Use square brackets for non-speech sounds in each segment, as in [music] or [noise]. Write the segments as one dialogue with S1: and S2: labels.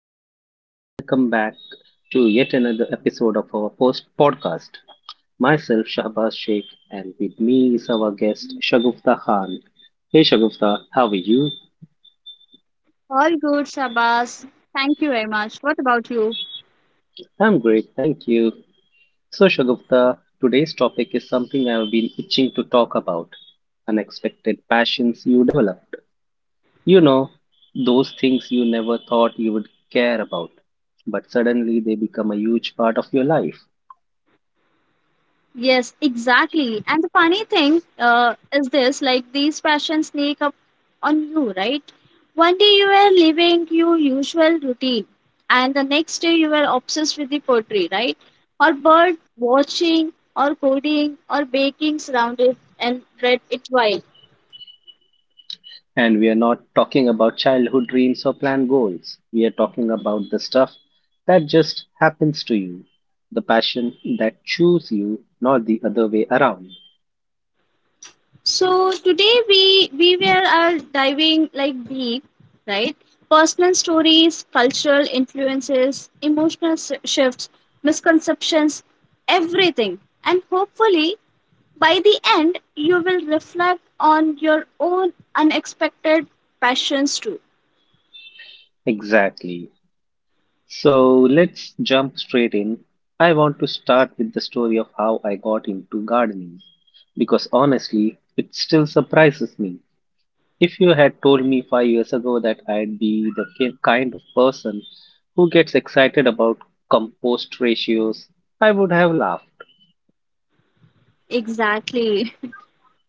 S1: Everyone. Welcome back to yet another episode of our post podcast. Myself, Shahbaz Sheikh, and with me is our guest, Shagufta Khan. Hey, Shagufta, how are you?
S2: All good, Shabas. Thank you very much. What about you?
S1: I'm great, thank you. So, Shagufta, today's topic is something I've been itching to talk about unexpected passions you developed. You know, those things you never thought you would care about, but suddenly they become a huge part of your life.
S2: Yes, exactly. And the funny thing is this, like, these passions sneak up on you, right? One day you were living your usual routine, and the next day you were obsessed with the pottery, right? Or bird watching, or coding, or baking surrounded and bread it wild.
S1: And we are not talking about childhood dreams or planned goals. We are talking about the stuff that just happens to you, the passion that chooses you, not the other way around.
S2: So today we were are diving, like, deep, right? Personal stories, cultural influences, emotional shifts, misconceptions, everything. And hopefully, by the end, you will reflect on your own unexpected passions too.
S1: Exactly. So let's jump straight in. I want to start with the story of how I got into gardening because honestly, it still surprises me. If you had told me 5 years ago that I'd be the kind of person who gets excited about compost ratios, I would have laughed.
S2: Exactly.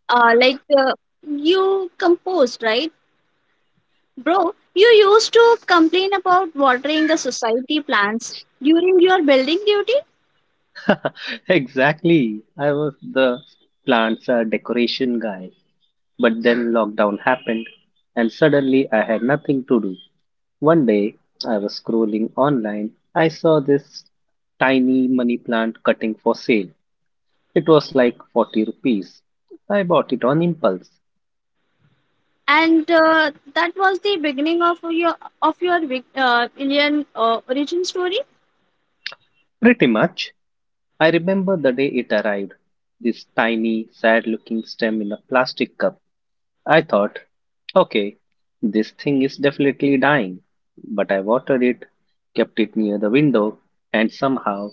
S2: Like, you composed, right? Bro, you used to complain about watering the society plants during your building duty,
S1: [laughs] Exactly. I was the "plants are decoration" guy. But then lockdown happened and suddenly I had nothing to do. One day I was scrolling online. I saw this tiny money plant cutting for sale. It was like 40 rupees. I bought it on impulse.
S2: and that was the beginning of your Indian origin story.
S1: Pretty much. I remember the day it arrived, this tiny, sad looking stem in a plastic cup. I thought, okay, this thing is definitely dying. But I watered it, kept it near the window, and somehow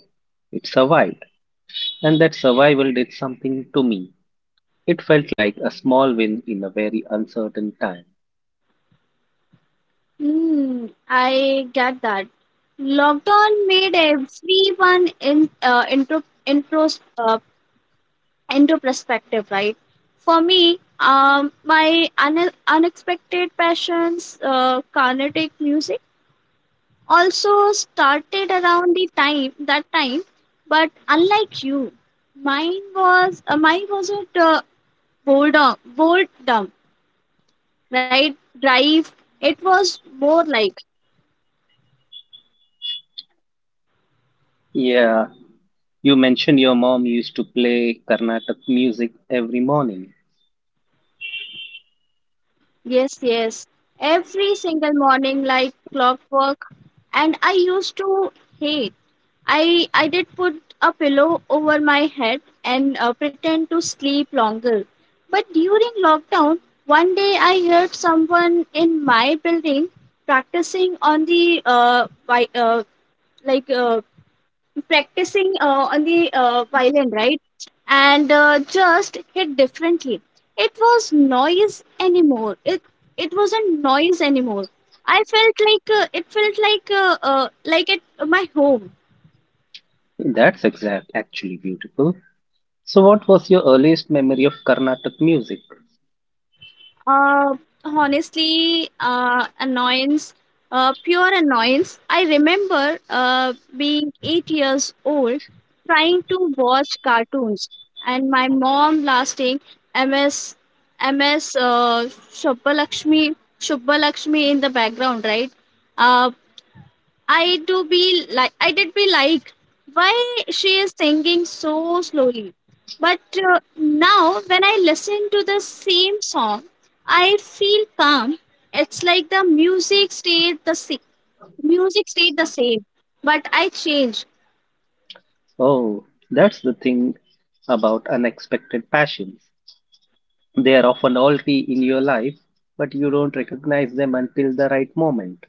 S1: it survived. And that survival did something to me. It felt like a small win in a very uncertain time.
S2: Hmm, I get that. Lockdown made everyone in intro intros into perspective, right? For me, my unexpected passions, Carnatic music, also started around the time that time. But unlike you, mine wasn't. Boredom, right? Drive. It was more like,
S1: Yeah, you mentioned your mom used to play Carnatic music every morning.
S2: yes, yes, every single morning, like clockwork. And I used to hate. I did put a pillow over my head and pretend to sleep longer. But during lockdown, one day I heard someone in my building practicing on the by, like practicing on the violin, right? And just hit differently. It was noise anymore. It wasn't noise anymore. I felt like it felt like at my home.
S1: That's actually beautiful. So, what was your earliest memory of Carnatic music?
S2: Uh, honestly, annoyance, pure annoyance. I remember being 8 years old, trying to watch cartoons, and my mom lasting MS MS uh, Shubbalakshmi in the background, right? Uh, I did be like why she is singing so slowly. But now when I listen to the same song, I feel calm. It's like the music stayed the same. Music stayed the same, but I changed.
S1: Oh, that's the thing about unexpected passions. They are often already in your life, but you don't recognize them until the right moment.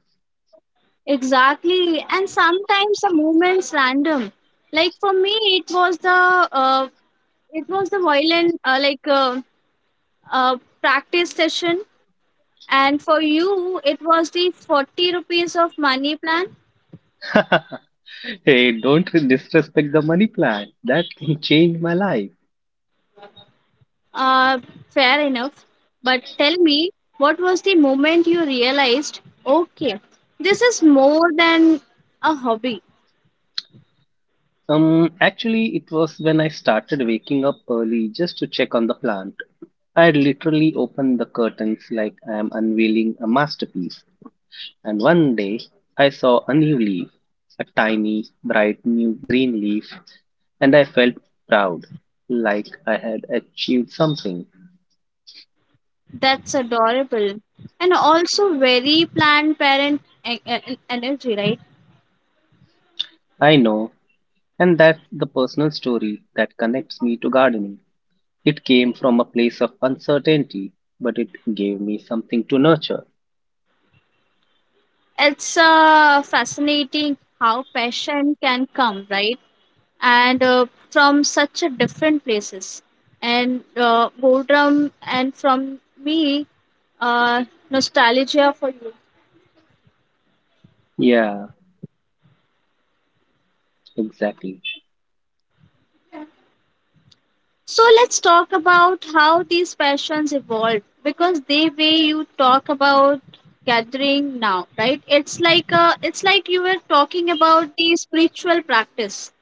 S2: Exactly. And sometimes the movements random. Like for me, it was the violin practice session. And for you, it was the 40 rupees of money plan.
S1: [laughs] Hey, don't disrespect the money plan. That thing changed my life.
S2: Uh, fair enough. But tell me, what was the moment you realized, okay, this is more than a hobby?
S1: Actually, it was when I started waking up early just to check on the plant. I had literally opened the curtains like I am unveiling a masterpiece. And one day, I saw a new leaf, a tiny, bright new green leaf, and I felt proud, like I had achieved something.
S2: That's adorable. And also, very planned parent energy, right?
S1: I know, and that's the personal story that connects me to gardening. It came from a place of uncertainty, but it gave me something to nurture.
S2: It's fascinating how passion can come, right? And from such a different places, and boredom, and from me, uh, nostalgia for you.
S1: Yeah. Exactly.
S2: So let's talk about how these passions evolved, because the way you talk about gathering now, right, it's like you were talking about the spiritual practice.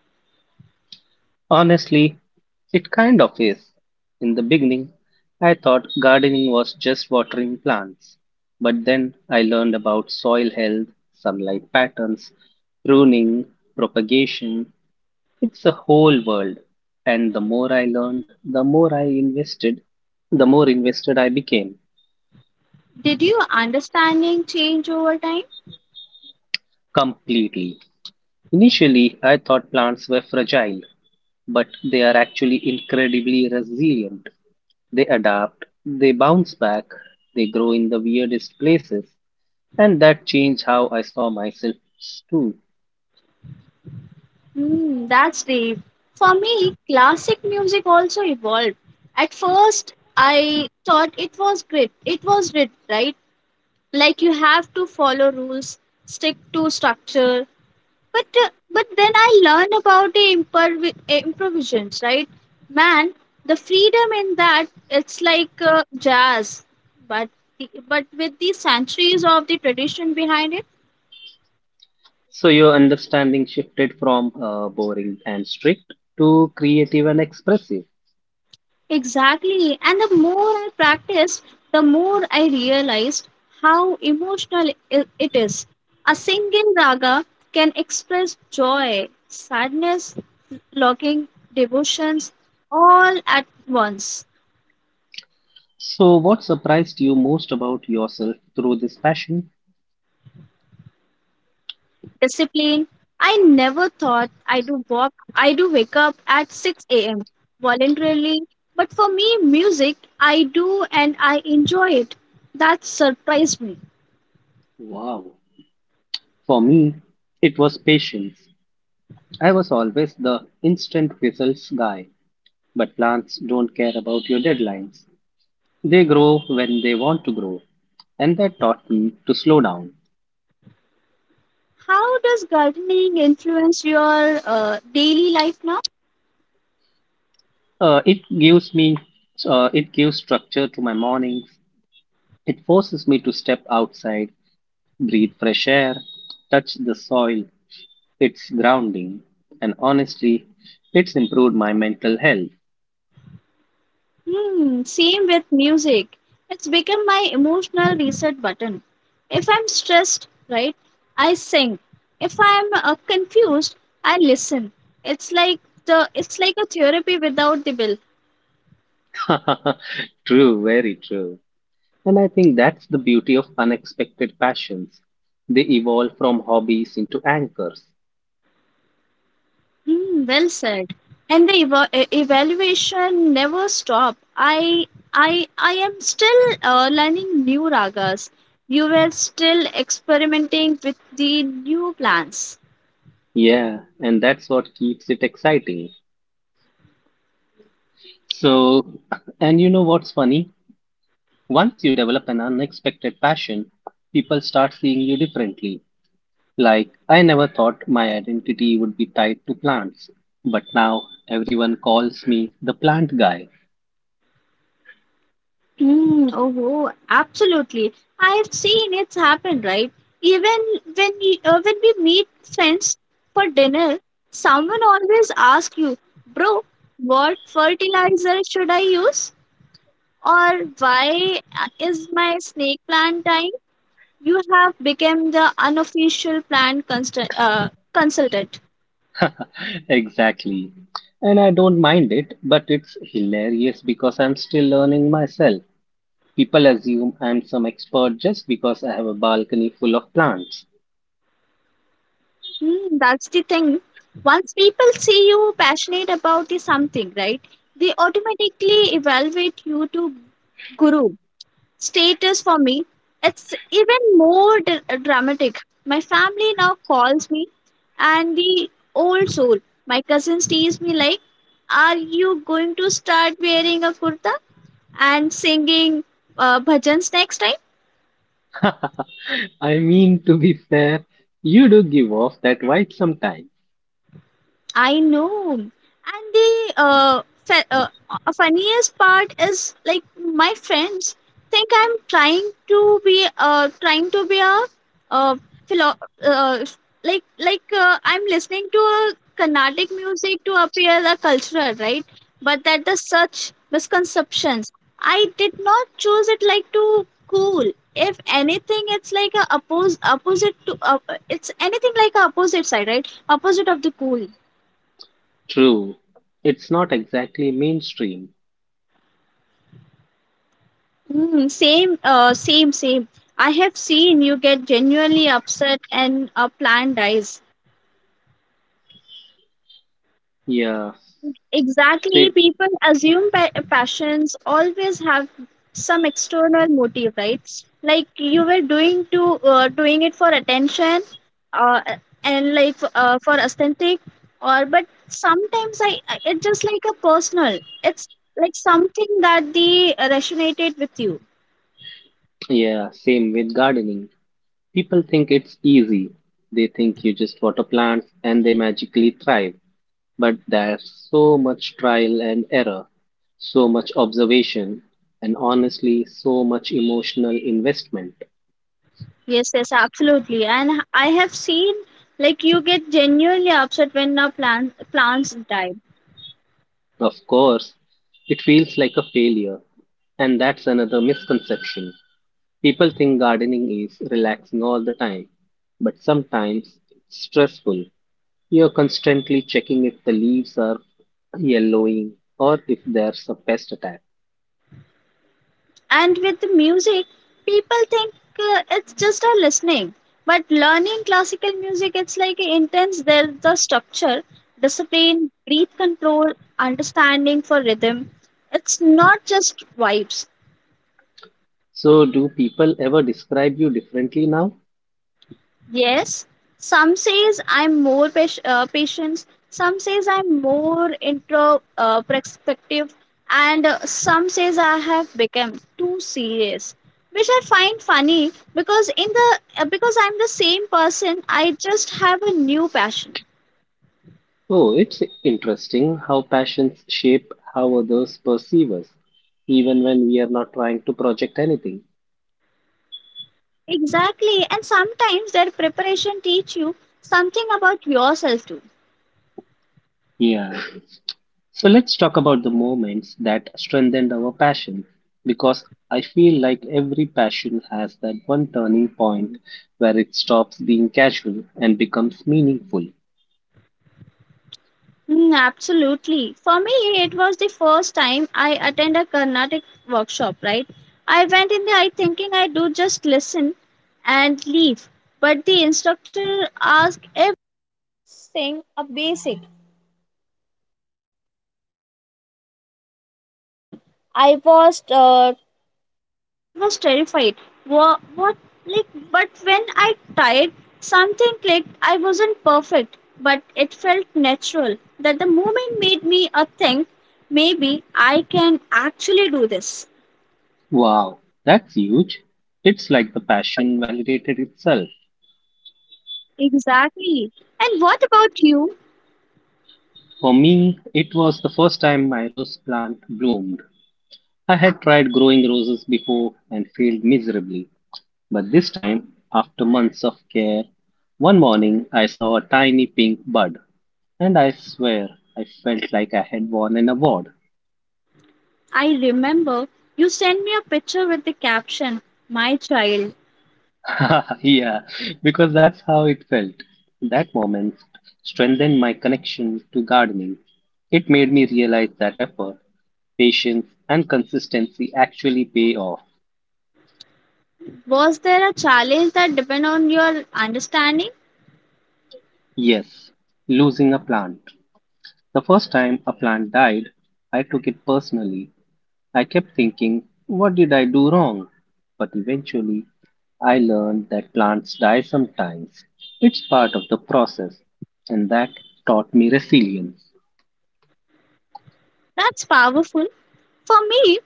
S1: Honestly, it kind of is. In the beginning, I thought gardening was just watering plants. But then I learned about soil health, sunlight patterns, pruning, propagation. It's a whole world. And the more I learned, the more I invested, the more invested I became.
S2: Did your understanding change over time?
S1: Completely. Initially, I thought plants were fragile, but they are actually incredibly resilient. They adapt, they bounce back, they grow in the weirdest places, and that changed how I saw myself too.
S2: Hmm, that's deep. For me, classic music also evolved. At first, I thought it was grit. It was grit, right? Like you have to follow rules, stick to structure. But then I learned about the improvisations, right? Man, the freedom in that, it's like jazz, but with the centuries of the tradition behind it.
S1: So your understanding shifted from boring and strict to creative and expressive.
S2: Exactly. And the more I practiced, the more I realized how emotional it is. A single raga can express joy, sadness, longing, devotions, all at once.
S1: So what surprised you most about yourself through this passion?
S2: Discipline. I never thought I do walk. I do wake up at 6 a.m. voluntarily, but for me, music I do, and I enjoy it. That surprised me.
S1: Wow. For me, it was patience. I was always the instant results guy, but plants don't care about your deadlines. They grow when they want to grow, and that taught me to slow down.
S2: How does gardening influence your daily life now?
S1: Uh, it gives me, it gives structure to my mornings. It forces me to step outside, breathe fresh air, touch the soil. It's grounding, and honestly, it's improved my mental health.
S2: Hmm, same with music. It's become my emotional reset button. If I'm stressed, right, I sing. If I'm confused, I listen. It's like it's like a therapy without the bill.
S1: [laughs] True, very true. And I think that's the beauty of unexpected passions. They evolve from hobbies into anchors.
S2: Hmm, well said. And the evaluation never stop. I am still learning new ragas. You were still experimenting with the new plans.
S1: Yeah, and that's what keeps it exciting. So, and you know what's funny? Once you develop an unexpected passion, people start seeing you differently. Like, I never thought my identity would be tied to plants, but now everyone calls me the plant guy.
S2: Hmm. Oh, oh, absolutely. I have seen it's happen, right? Even when we meet friends for dinner, someone always asks you, "Bro, what fertilizer should I use?" Or why is my snake plant dying? You have become the unofficial plant consultant.
S1: [laughs] Exactly. And I don't mind it, but it's hilarious because I'm still learning myself. People assume I'm some expert just because I have a balcony full of plants.
S2: Hmm, that's the thing. Once people see you passionate about the something, right? They automatically evaluate you to guru status for me. It's even more dramatic. My family now calls me, and the old soul, my cousin, stays me like, "Are you going to start wearing a kurta?" and singing bhajans next time.
S1: [laughs] I mean, to be fair, you do give off that vibe sometimes.
S2: I know. And the funniest part is, like, my friends think I'm trying to be a uh, philo- uh I'm listening to a Carnatic music to appear a cultural, right? But that is such misconceptions. I did not choose it like to cool. If anything, it's like a oppose opposite to it's anything like a opposite side, right? Opposite of the cool.
S1: True. It's not exactly mainstream.
S2: Mm, same, same, same. I have seen you get genuinely upset and a plan dies.
S1: Yeah,
S2: Exactly,
S1: say,
S2: people assume passions always have some external motive, right? Like you were doing it for attention, uh, and, like, for aesthetic, or but sometimes it's just like a personal. It's like something that they resonated with you.
S1: yeah, same with gardening. People think it's easy. They think you just water plants and they magically thrive. But there's so much trial and error, so much observation, and honestly, so much emotional investment.
S2: Yes, yes, absolutely. And I have seen, like, you get genuinely upset when our plants die.
S1: Of course, it feels like a failure, and that's another misconception. People think gardening is relaxing all the time, but sometimes it's stressful. You're constantly checking if the leaves are yellowing or if there's a pest attack.
S2: And with the music, people think it's just a listening. But learning classical music, it's like intense. There's the structure, discipline, breath control, understanding for rhythm. It's not just vibes.
S1: So, do people ever describe you differently now?
S2: Yes, some says I'm more patient, some says I'm more intro perspective, and some says I have become too serious, which I find funny because in the because I'm the same person. I just have a new passion.
S1: Oh, it's interesting how passions shape how others perceive us, even when we are not trying to project anything.
S2: Exactly, and sometimes their preparation teach you something about yourself too.
S1: Yeah. So let's talk about the moments that strengthened our passion because I feel like every passion has that one turning point where it stops being casual and becomes meaningful.
S2: Mm, absolutely. For me, it was the first time I attended a Carnatic workshop, right? I went in there I thinking I do just listen and leave. But the instructor But when I tried, something clicked. I wasn't perfect, but it felt natural. That the moment made me a think maybe I can actually do this.
S1: Wow, that's huge. It's like the passion validated itself.
S2: Exactly. And what about you?
S1: For me, it was the first time my rose plant bloomed. I had tried growing roses before and failed miserably. But this time, after months of care, one morning I saw a tiny pink bud, and I swear I felt like I had won an award.
S2: I remember you sent me a picture with the caption, "My child."
S1: [laughs] Yeah, because that's how it felt. That moment strengthened my connection to gardening. It made me realize that effort, patience, and consistency actually pay off.
S2: Was there a challenge that depend on your understanding?
S1: Yes, losing a plant. The first time a plant died, I took it personally. I kept thinking, what did I do wrong? But eventually, I learned that plants die sometimes. It's part of the process, and that taught me resilience.
S2: That's powerful. For me,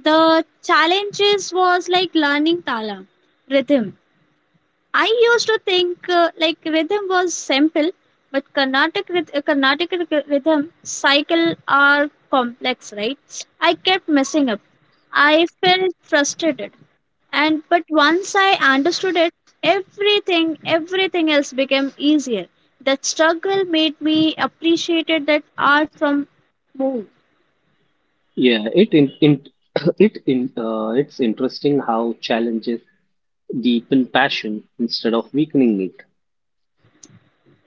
S2: the challenges was like learning tala, rhythm. I used to think, like, rhythm was simple, but Carnatic rhythm cycle are complex, right? I kept messing up. I felt frustrated, and but once I understood it, everything else became easier. That struggle made me appreciated that art from more.
S1: Yeah, it in [coughs] [clears throat] it's interesting how challenges deepen passion instead of weakening it.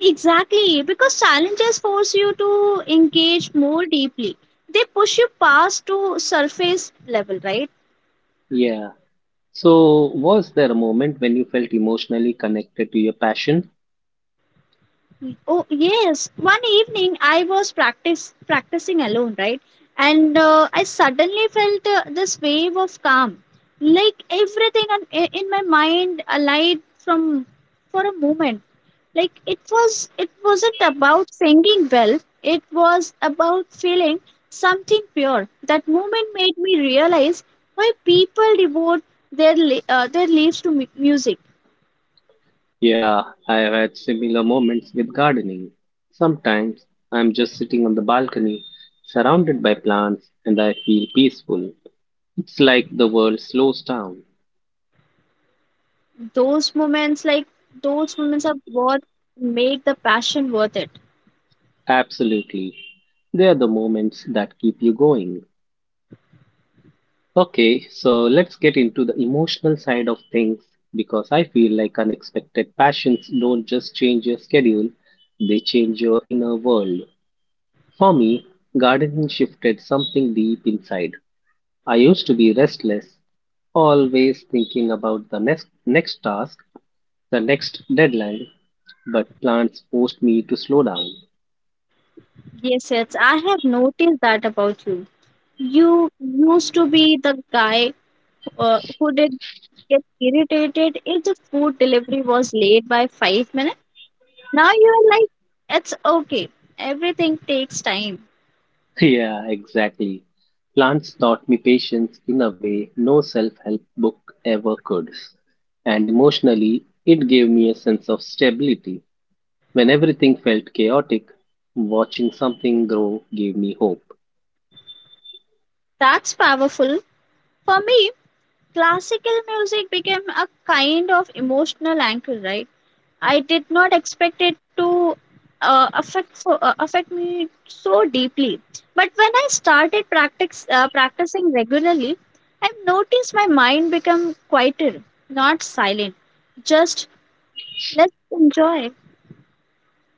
S2: Exactly, because challenges force you to engage more deeply. They push you past to surface level, right?
S1: Yeah. So, was there a moment when you felt emotionally connected to your passion?
S2: Oh yes, one evening I was practice practicing alone, right? And I suddenly felt this wave of calm, like everything in my mind aligned from for a moment. It wasn't about singing well. It was about feeling something pure. That moment made me realize why people devote their lives to music.
S1: Yeah, I have had similar moments with gardening. Sometimes I'm just sitting on the balcony, surrounded by plants, and I feel peaceful. It's like the world slows down.
S2: Those moments like those moments are what make the passion worth it.
S1: Absolutely. They are the moments that keep you going. Okay, so let's get into the emotional side of things because I feel like unexpected passions don't just change your schedule, they change your inner world. For me, gardening shifted something deep inside. I used to be restless, always thinking about the next task, the next deadline, but plants forced me to slow down.
S2: Yes, yes, I have noticed that about you. You used to be the guy who did get irritated if the food delivery was late by 5 minutes. Now you are like, it's okay, everything takes time.
S1: [laughs] Yeah, exactly. Plants taught me patience in a way no self help book ever could. And emotionally, it gave me a sense of stability. When everything felt chaotic, watching something grow gave me hope.
S2: That's powerful. For me, classical music became a kind of emotional anchor, right? I did not expect it to affect me so deeply. But when I started practice practicing regularly, I've noticed my mind become quieter, not silent. Just let's enjoy.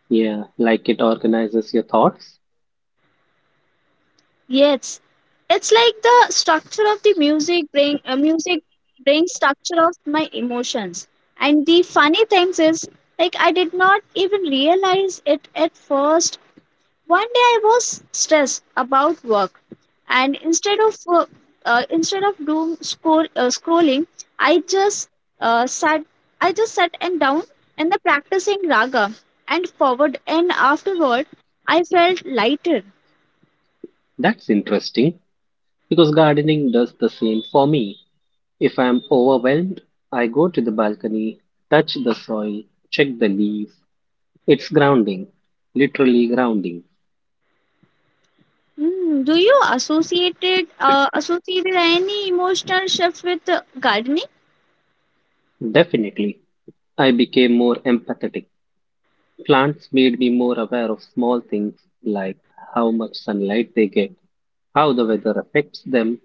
S1: Yeah, like it organizes your thoughts.
S2: Yes, it's like the structure of the music brings structure of my emotions. And the funny things is, like, I did not even realize it at first. One day I was stressed about work, and instead of doom scrolling. i just uh, sat I just sat and down and the practicing raga and forward and afterward, I felt lighter.
S1: That's interesting, because gardening does the same for me. If I'm overwhelmed, I go to the balcony, touch the soil, check the leaves. It's grounding, literally grounding.
S2: Hmm, do you associated any emotional shift with gardening?
S1: Definitely, I became more empathetic. Plants made me more aware of small things like how much sunlight they get, how the weather affects them,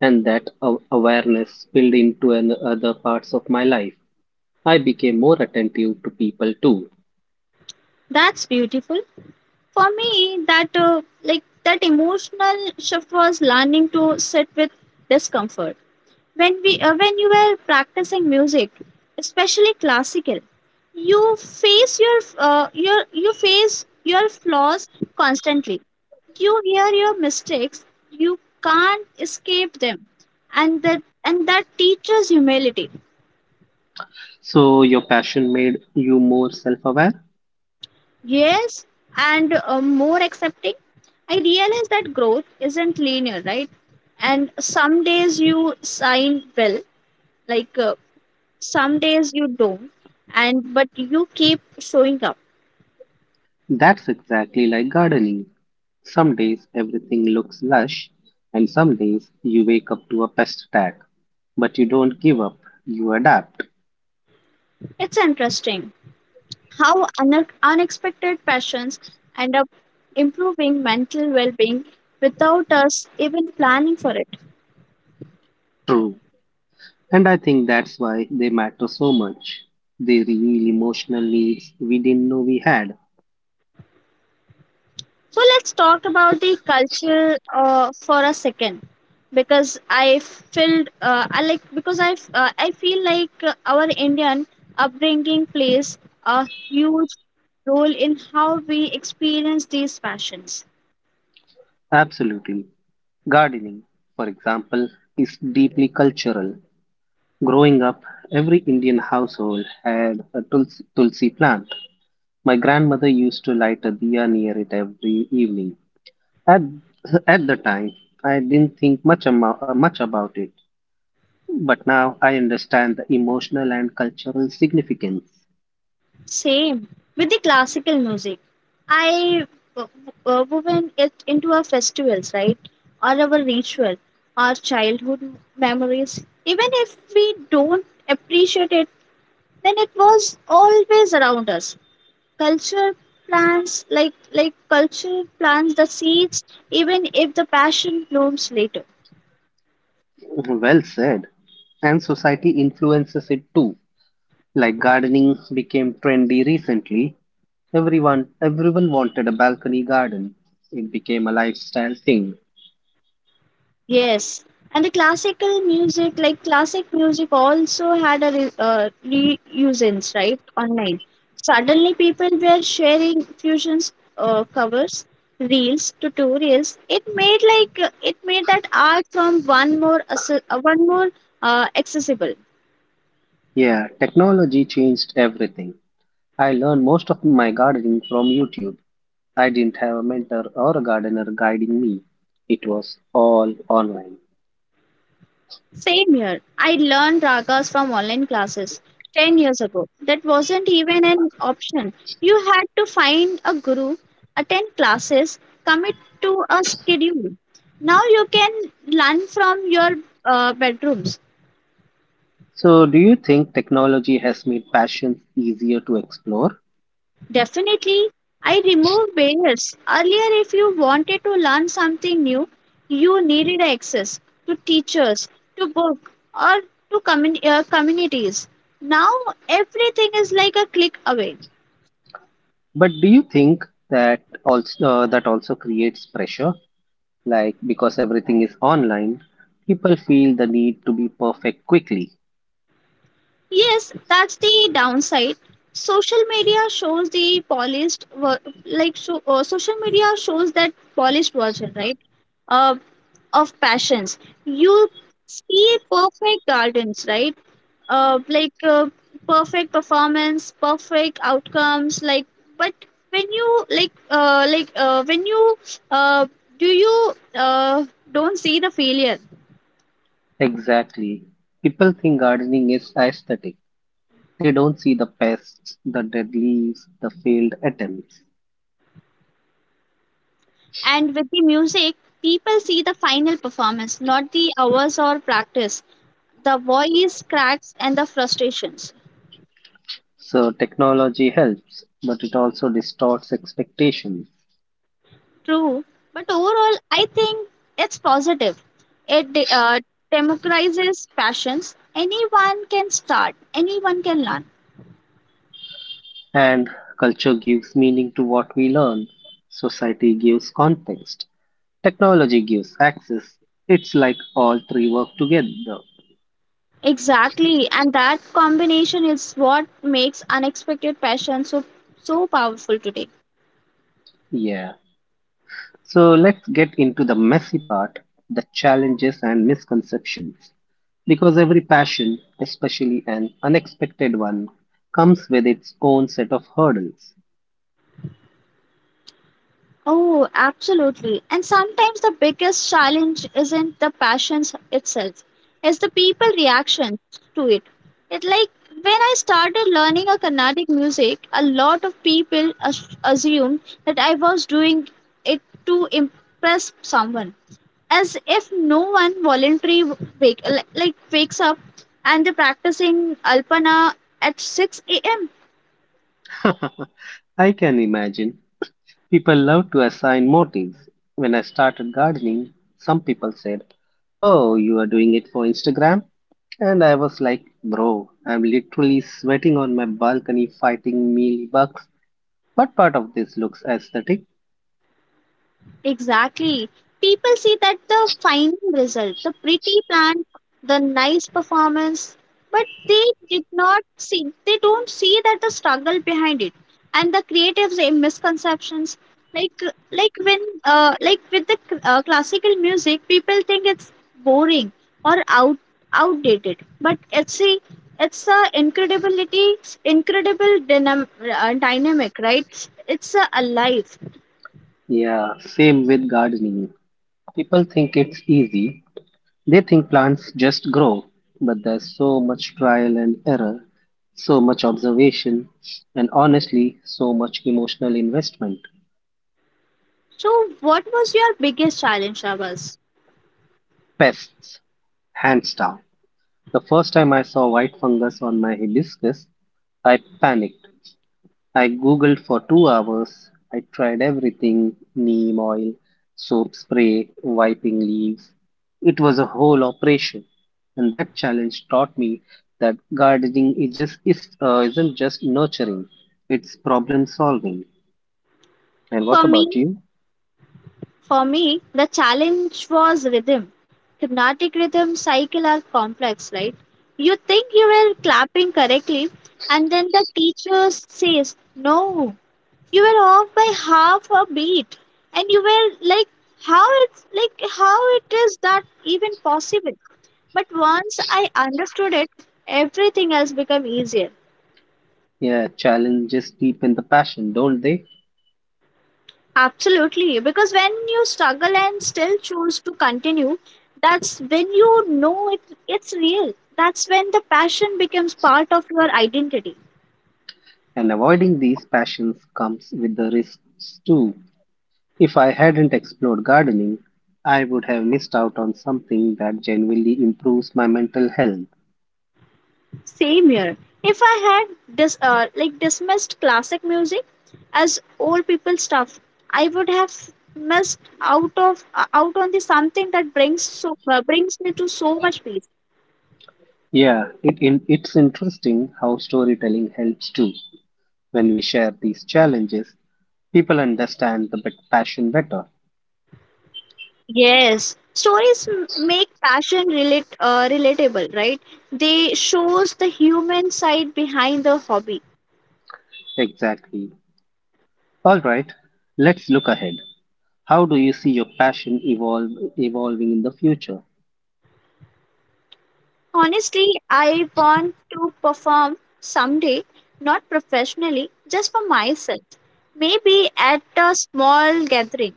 S1: and that awareness spilled into other parts of my life. I became more attentive to people too.
S2: That's beautiful. For me, that emotional shift was learning to sit with discomfort. When you were practicing music, especially classical, you face your flaws constantly. You hear your mistakes. You can't escape them, and that teaches humility.
S1: So your passion made you more self-aware?
S2: Yes, and more accepting. I realize that growth isn't linear, right? And some days you sign well, like, some days you don't, and but you keep showing up.
S1: That's exactly like gardening. Some days everything looks lush, and some days you wake up to a pest attack. But you don't give up, you adapt.
S2: It's interesting how unexpected passions end up improving mental well-being without us even planning for it.
S1: True. And I think that's why they matter so much. They reveal emotional needs we didn't know we had.
S2: So let's talk about the culture, for a second, because I felt I like because I feel like our Indian upbringing plays a huge role in how we experience these passions.
S1: Absolutely. Gardening, for example, is deeply cultural. Growing up, every Indian household had a tulsi plant. My grandmother used to light a diya near it every evening. At, at the time, I didn't think much about it, but now I understand the emotional and cultural significance.
S2: Same with the classical music. I w- woven it into our festivals, right? Or our ritual, our childhood memories. Even if we don't appreciate it, then it was always around us. Culture plants like culture plants the seeds even if the passion blooms later.
S1: Well said. And society influences it too. Like gardening became trendy recently. Everyone wanted a balcony garden. It became a lifestyle thing.
S2: Yes, and the classical music, like classic music, also had a reusance, right? Online. Suddenly, people were sharing fusions, covers, reels, tutorials. It made like it made that art from one more accessible.
S1: Yeah, technology changed everything. I learned most of my gardening from YouTube. I didn't have a mentor or a gardener guiding me. It was all online.
S2: Same here. I learned ragas from online classes 10 years ago. That wasn't even an option. You had to find a guru, attend classes, commit to a schedule. Now you can learn from your bedrooms.
S1: So, do you think technology has made passions easier to explore?
S2: Definitely, I remove barriers. Earlier, if you wanted to learn something new, you needed access to teachers, to book, or to communities. Now everything is like a click away.
S1: But do you think that also creates pressure? Like because everything is online, people feel the need to be perfect quickly.
S2: Yes, that's the downside. Social media shows the polished, ver- like so, social media shows that polished version, right? Uh, of passions. You see perfect gardens, right? Uh, like uh, Perfect performance, perfect outcomes, like. But when uh, you don't see the failure.
S1: Exactly. People think gardening is aesthetic. They don't see the pests, the dead leaves, the failed attempts.
S2: And with the music, people see the final performance, not the hours or practice, the voice cracks and the frustrations.
S1: So technology helps, but it also distorts expectations.
S2: True, but overall, I think it's positive. It democratizes passions. Anyone can start, anyone can learn.
S1: And culture gives meaning to what we learn. Society gives context. Technology gives access. It's like all three work together.
S2: Exactly, and that combination is what makes unexpected passion so powerful today.
S1: Yeah. So let's get into the messy part, the challenges and misconceptions. Because every passion, especially an unexpected one, comes with its own set of hurdles.
S2: Oh, absolutely. And sometimes the biggest challenge isn't the passions itself, it's the people reaction to it. It like when I started learning a Carnatic music, a lot of people assumed that I was doing it to impress someone, as if no one voluntarily wake, wakes up and they're practicing Alpana at 6 a.m.
S1: [laughs] I can imagine. People love to assign motives. When I started gardening, some people said, "Oh, you are doing it for Instagram?" And I was like, "Bro, I'm literally sweating on my balcony fighting mealybugs. What part of this looks aesthetic?"
S2: Exactly. People see that the final result, the pretty plan, the nice performance, but they don't see that the struggle behind it and the creative's say, misconceptions. Like, like when, like with the classical music, people think it's boring or outdated, but it's a incredible dynamic, right? It's a alive.
S1: Yeah, same with gardening. People think it's easy. They think plants just grow, but there's so much trial and error, so much observation, and honestly, so much emotional investment.
S2: So, what was your biggest challenge, Shabas?
S1: Pests, hands down. The first time I saw white fungus on my hibiscus, I panicked. I googled for 2 hours. I tried everything neem oil, soap spray, wiping leaves. It was a whole operation. And that challenge taught me that gardening isn't just nurturing, it's problem solving. And what
S2: For me,
S1: about you?
S2: the challenge was rhythm. Carnatic rhythm cycle are complex, right? You think you were clapping correctly, and then the teacher says, "No, you were off by half a beat," and you were like, How it is that even possible?" But once I understood it, everything else became easier.
S1: Yeah, challenges deepen the passion, don't they?
S2: Absolutely, because when you struggle and still choose to continue, that's when it's real. That's when the passion becomes part of your identity.
S1: And avoiding these passions comes with the risks too. If I hadn't explored gardening, I would have missed out on something that genuinely improves my mental health.
S2: Same here. If I had dismissed classic music as old people stuff, I would have missed out of out on the something that brings brings me to so much peace.
S1: Yeah, it's interesting how storytelling helps too. When we share these challenges, people understand the passion better.
S2: Yes, stories make passion relate relatable, right? They shows the human side behind the hobby.
S1: Exactly. All right, let's look ahead. How do you see your passion evolving in the future?
S2: Honestly, I want to perform someday, not professionally, just for myself. Maybe at a small gathering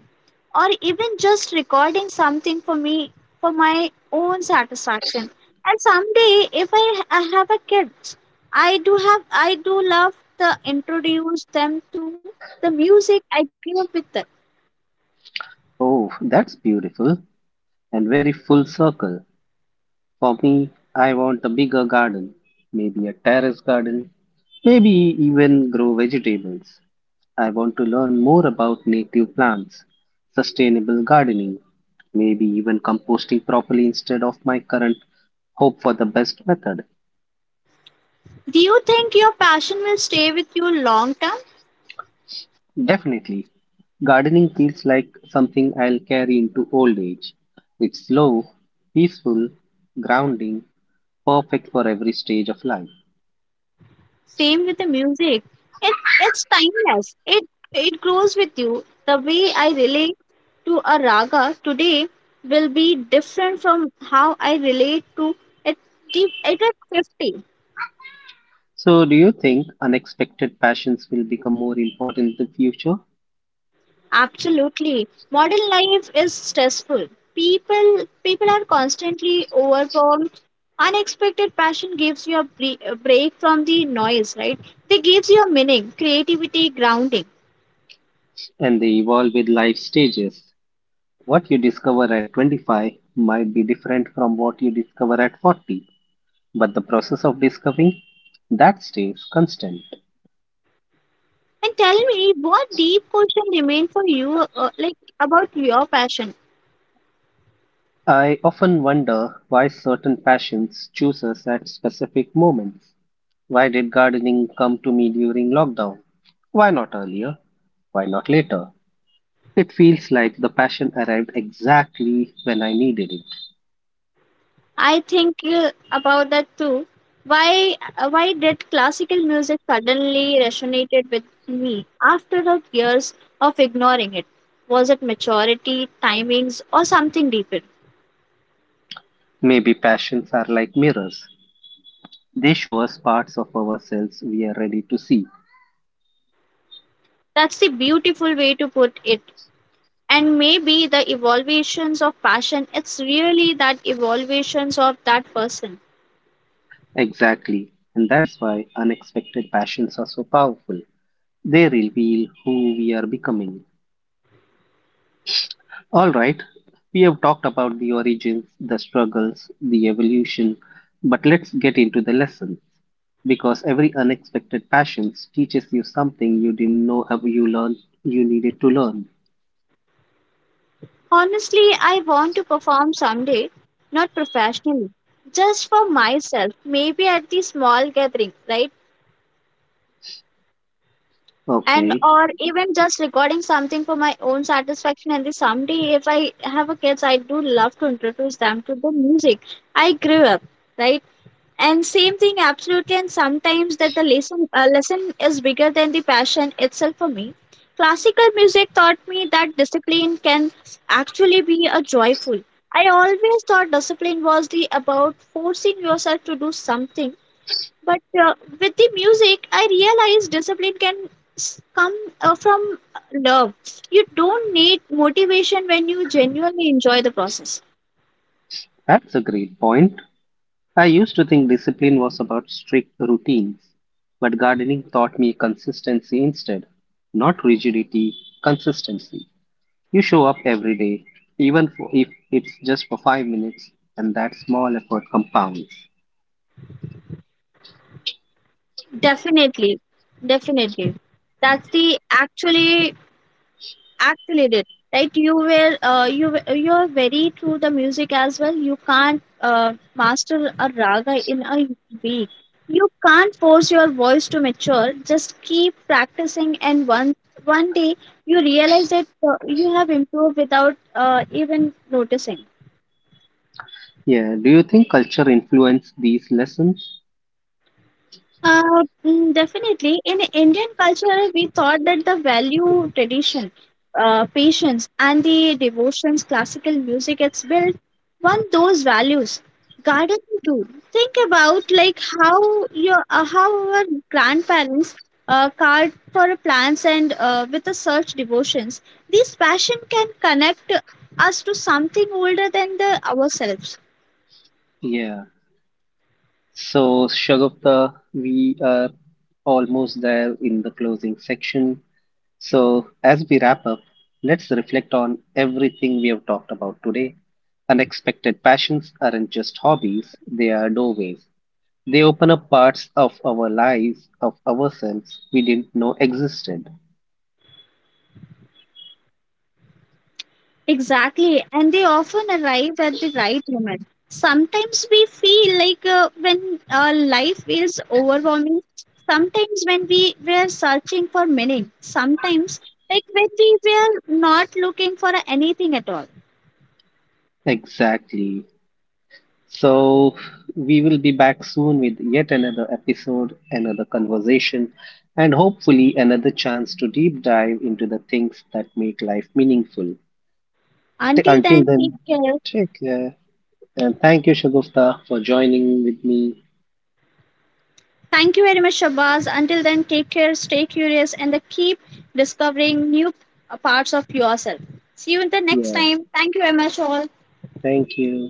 S2: or even just recording something for me for my own satisfaction, and someday if I, I have a kids, I do love to introduce them to the music I grew up with.
S1: Oh, that's beautiful and very full circle. For me, I want a bigger garden, maybe a terrace garden, maybe even grow vegetables. I want to learn more about native plants, sustainable gardening, maybe even composting properly instead of my current hope for the best method.
S2: Do you think your passion will stay with you long term?
S1: Definitely, gardening feels like something I'll carry into old age. It's slow, peaceful, grounding, perfect for every stage of life.
S2: Same with the music. It's timeless. It grows with you. The way I relate to a raga today will be different from how I relate to it it at 50.
S1: So, do you think unexpected passions will become more important in the future
S2: Absolutely. Modern life is stressful. People are constantly overwhelmed. Unexpected passion gives you a break from the noise, right? They gives you a meaning, creativity, grounding.
S1: and they evolve with life stages? What you discover at 25 might be different from what you discover at 40, but the process of discovering that stays constant.
S2: And tell me, what deep question remain for you, about your passion?
S1: I often wonder why certain passions choose us at specific moments. Why did gardening come to me during lockdown? Why not earlier? Why not later? It feels like the passion arrived exactly when I needed it.
S2: I think about that too. Why did classical music suddenly resonated with me after the years of ignoring it? Was it maturity, timings, or something deeper?
S1: Maybe passions are like mirrors. They show us parts of ourselves we are ready to see.
S2: That's the beautiful way to put it. And maybe the evolutions of passion. It's really that evolutions of that person.
S1: Exactly. And that's why unexpected passions are so powerful. They reveal who we are becoming. Alright, we have talked about the origins, the struggles, the evolution, but let's get into the lesson. Because every unexpected passion teaches you something you didn't know you learned you needed to learn.
S2: Honestly, I want to perform someday, not professionally, just for myself, maybe at the small gathering, right? And
S1: Okay,
S2: or even just recording something for my own satisfaction. And the someday, if I have a kids, I do love to introduce them to the music I grew up, right? And same thing, absolutely. And sometimes that the lesson is bigger than the passion itself for me. Classical music taught me that discipline can actually be a joyful. I always thought discipline was the about forcing yourself to do something, but with the music, I realized discipline can come from love. You don't need motivation when you genuinely enjoy the process.
S1: that's a great point. I used to think discipline was about strict routines, but gardening taught me consistency instead. Not rigidity, consistency. You show up every day, even if it's just for 5 minutes, and that small effort compounds.
S2: Definitely, definitely, that's the actually. Actually, did right? You were you are very through the music as well. You can't master a raga in a week. You can't force your voice to mature. Just keep practicing, and one day you realize that you have improved without even noticing.
S1: Yeah, do you think culture influenced these lessons?
S2: Definitely. In Indian culture, we thought that the value, tradition, patience, and the devotions classical music gets built on those values. Gardening too. Think about like how our grandparents cared for plants and with the search devotions. This passion can connect us to something older than the ourselves.
S1: Yeah, so, Shagufta, we are almost there in the closing section. So, as we wrap up, let's reflect on everything we have talked about today. Unexpected passions aren't just hobbies, they are doorways. They open up parts of our lives, of ourselves we didn't know existed.
S2: Exactly, and they often arrive at the right moment. Sometimes we feel like when life feels overwhelming, sometimes when we were searching for meaning, sometimes like when we were not looking for anything at all.
S1: Exactly. So, we will be back soon with yet another episode, another conversation, and hopefully another chance to deep dive into the things that make life meaningful.
S2: Until then,
S1: Until
S2: take
S1: then,
S2: care.
S1: take care. And thank you, Shagufta, for joining with me.
S2: Thank you very much, Shabaz. Until then, take care, stay curious, and keep discovering new parts of yourself. See you in the next
S1: Yeah,
S2: time. Thank you very much, all.
S1: thank you.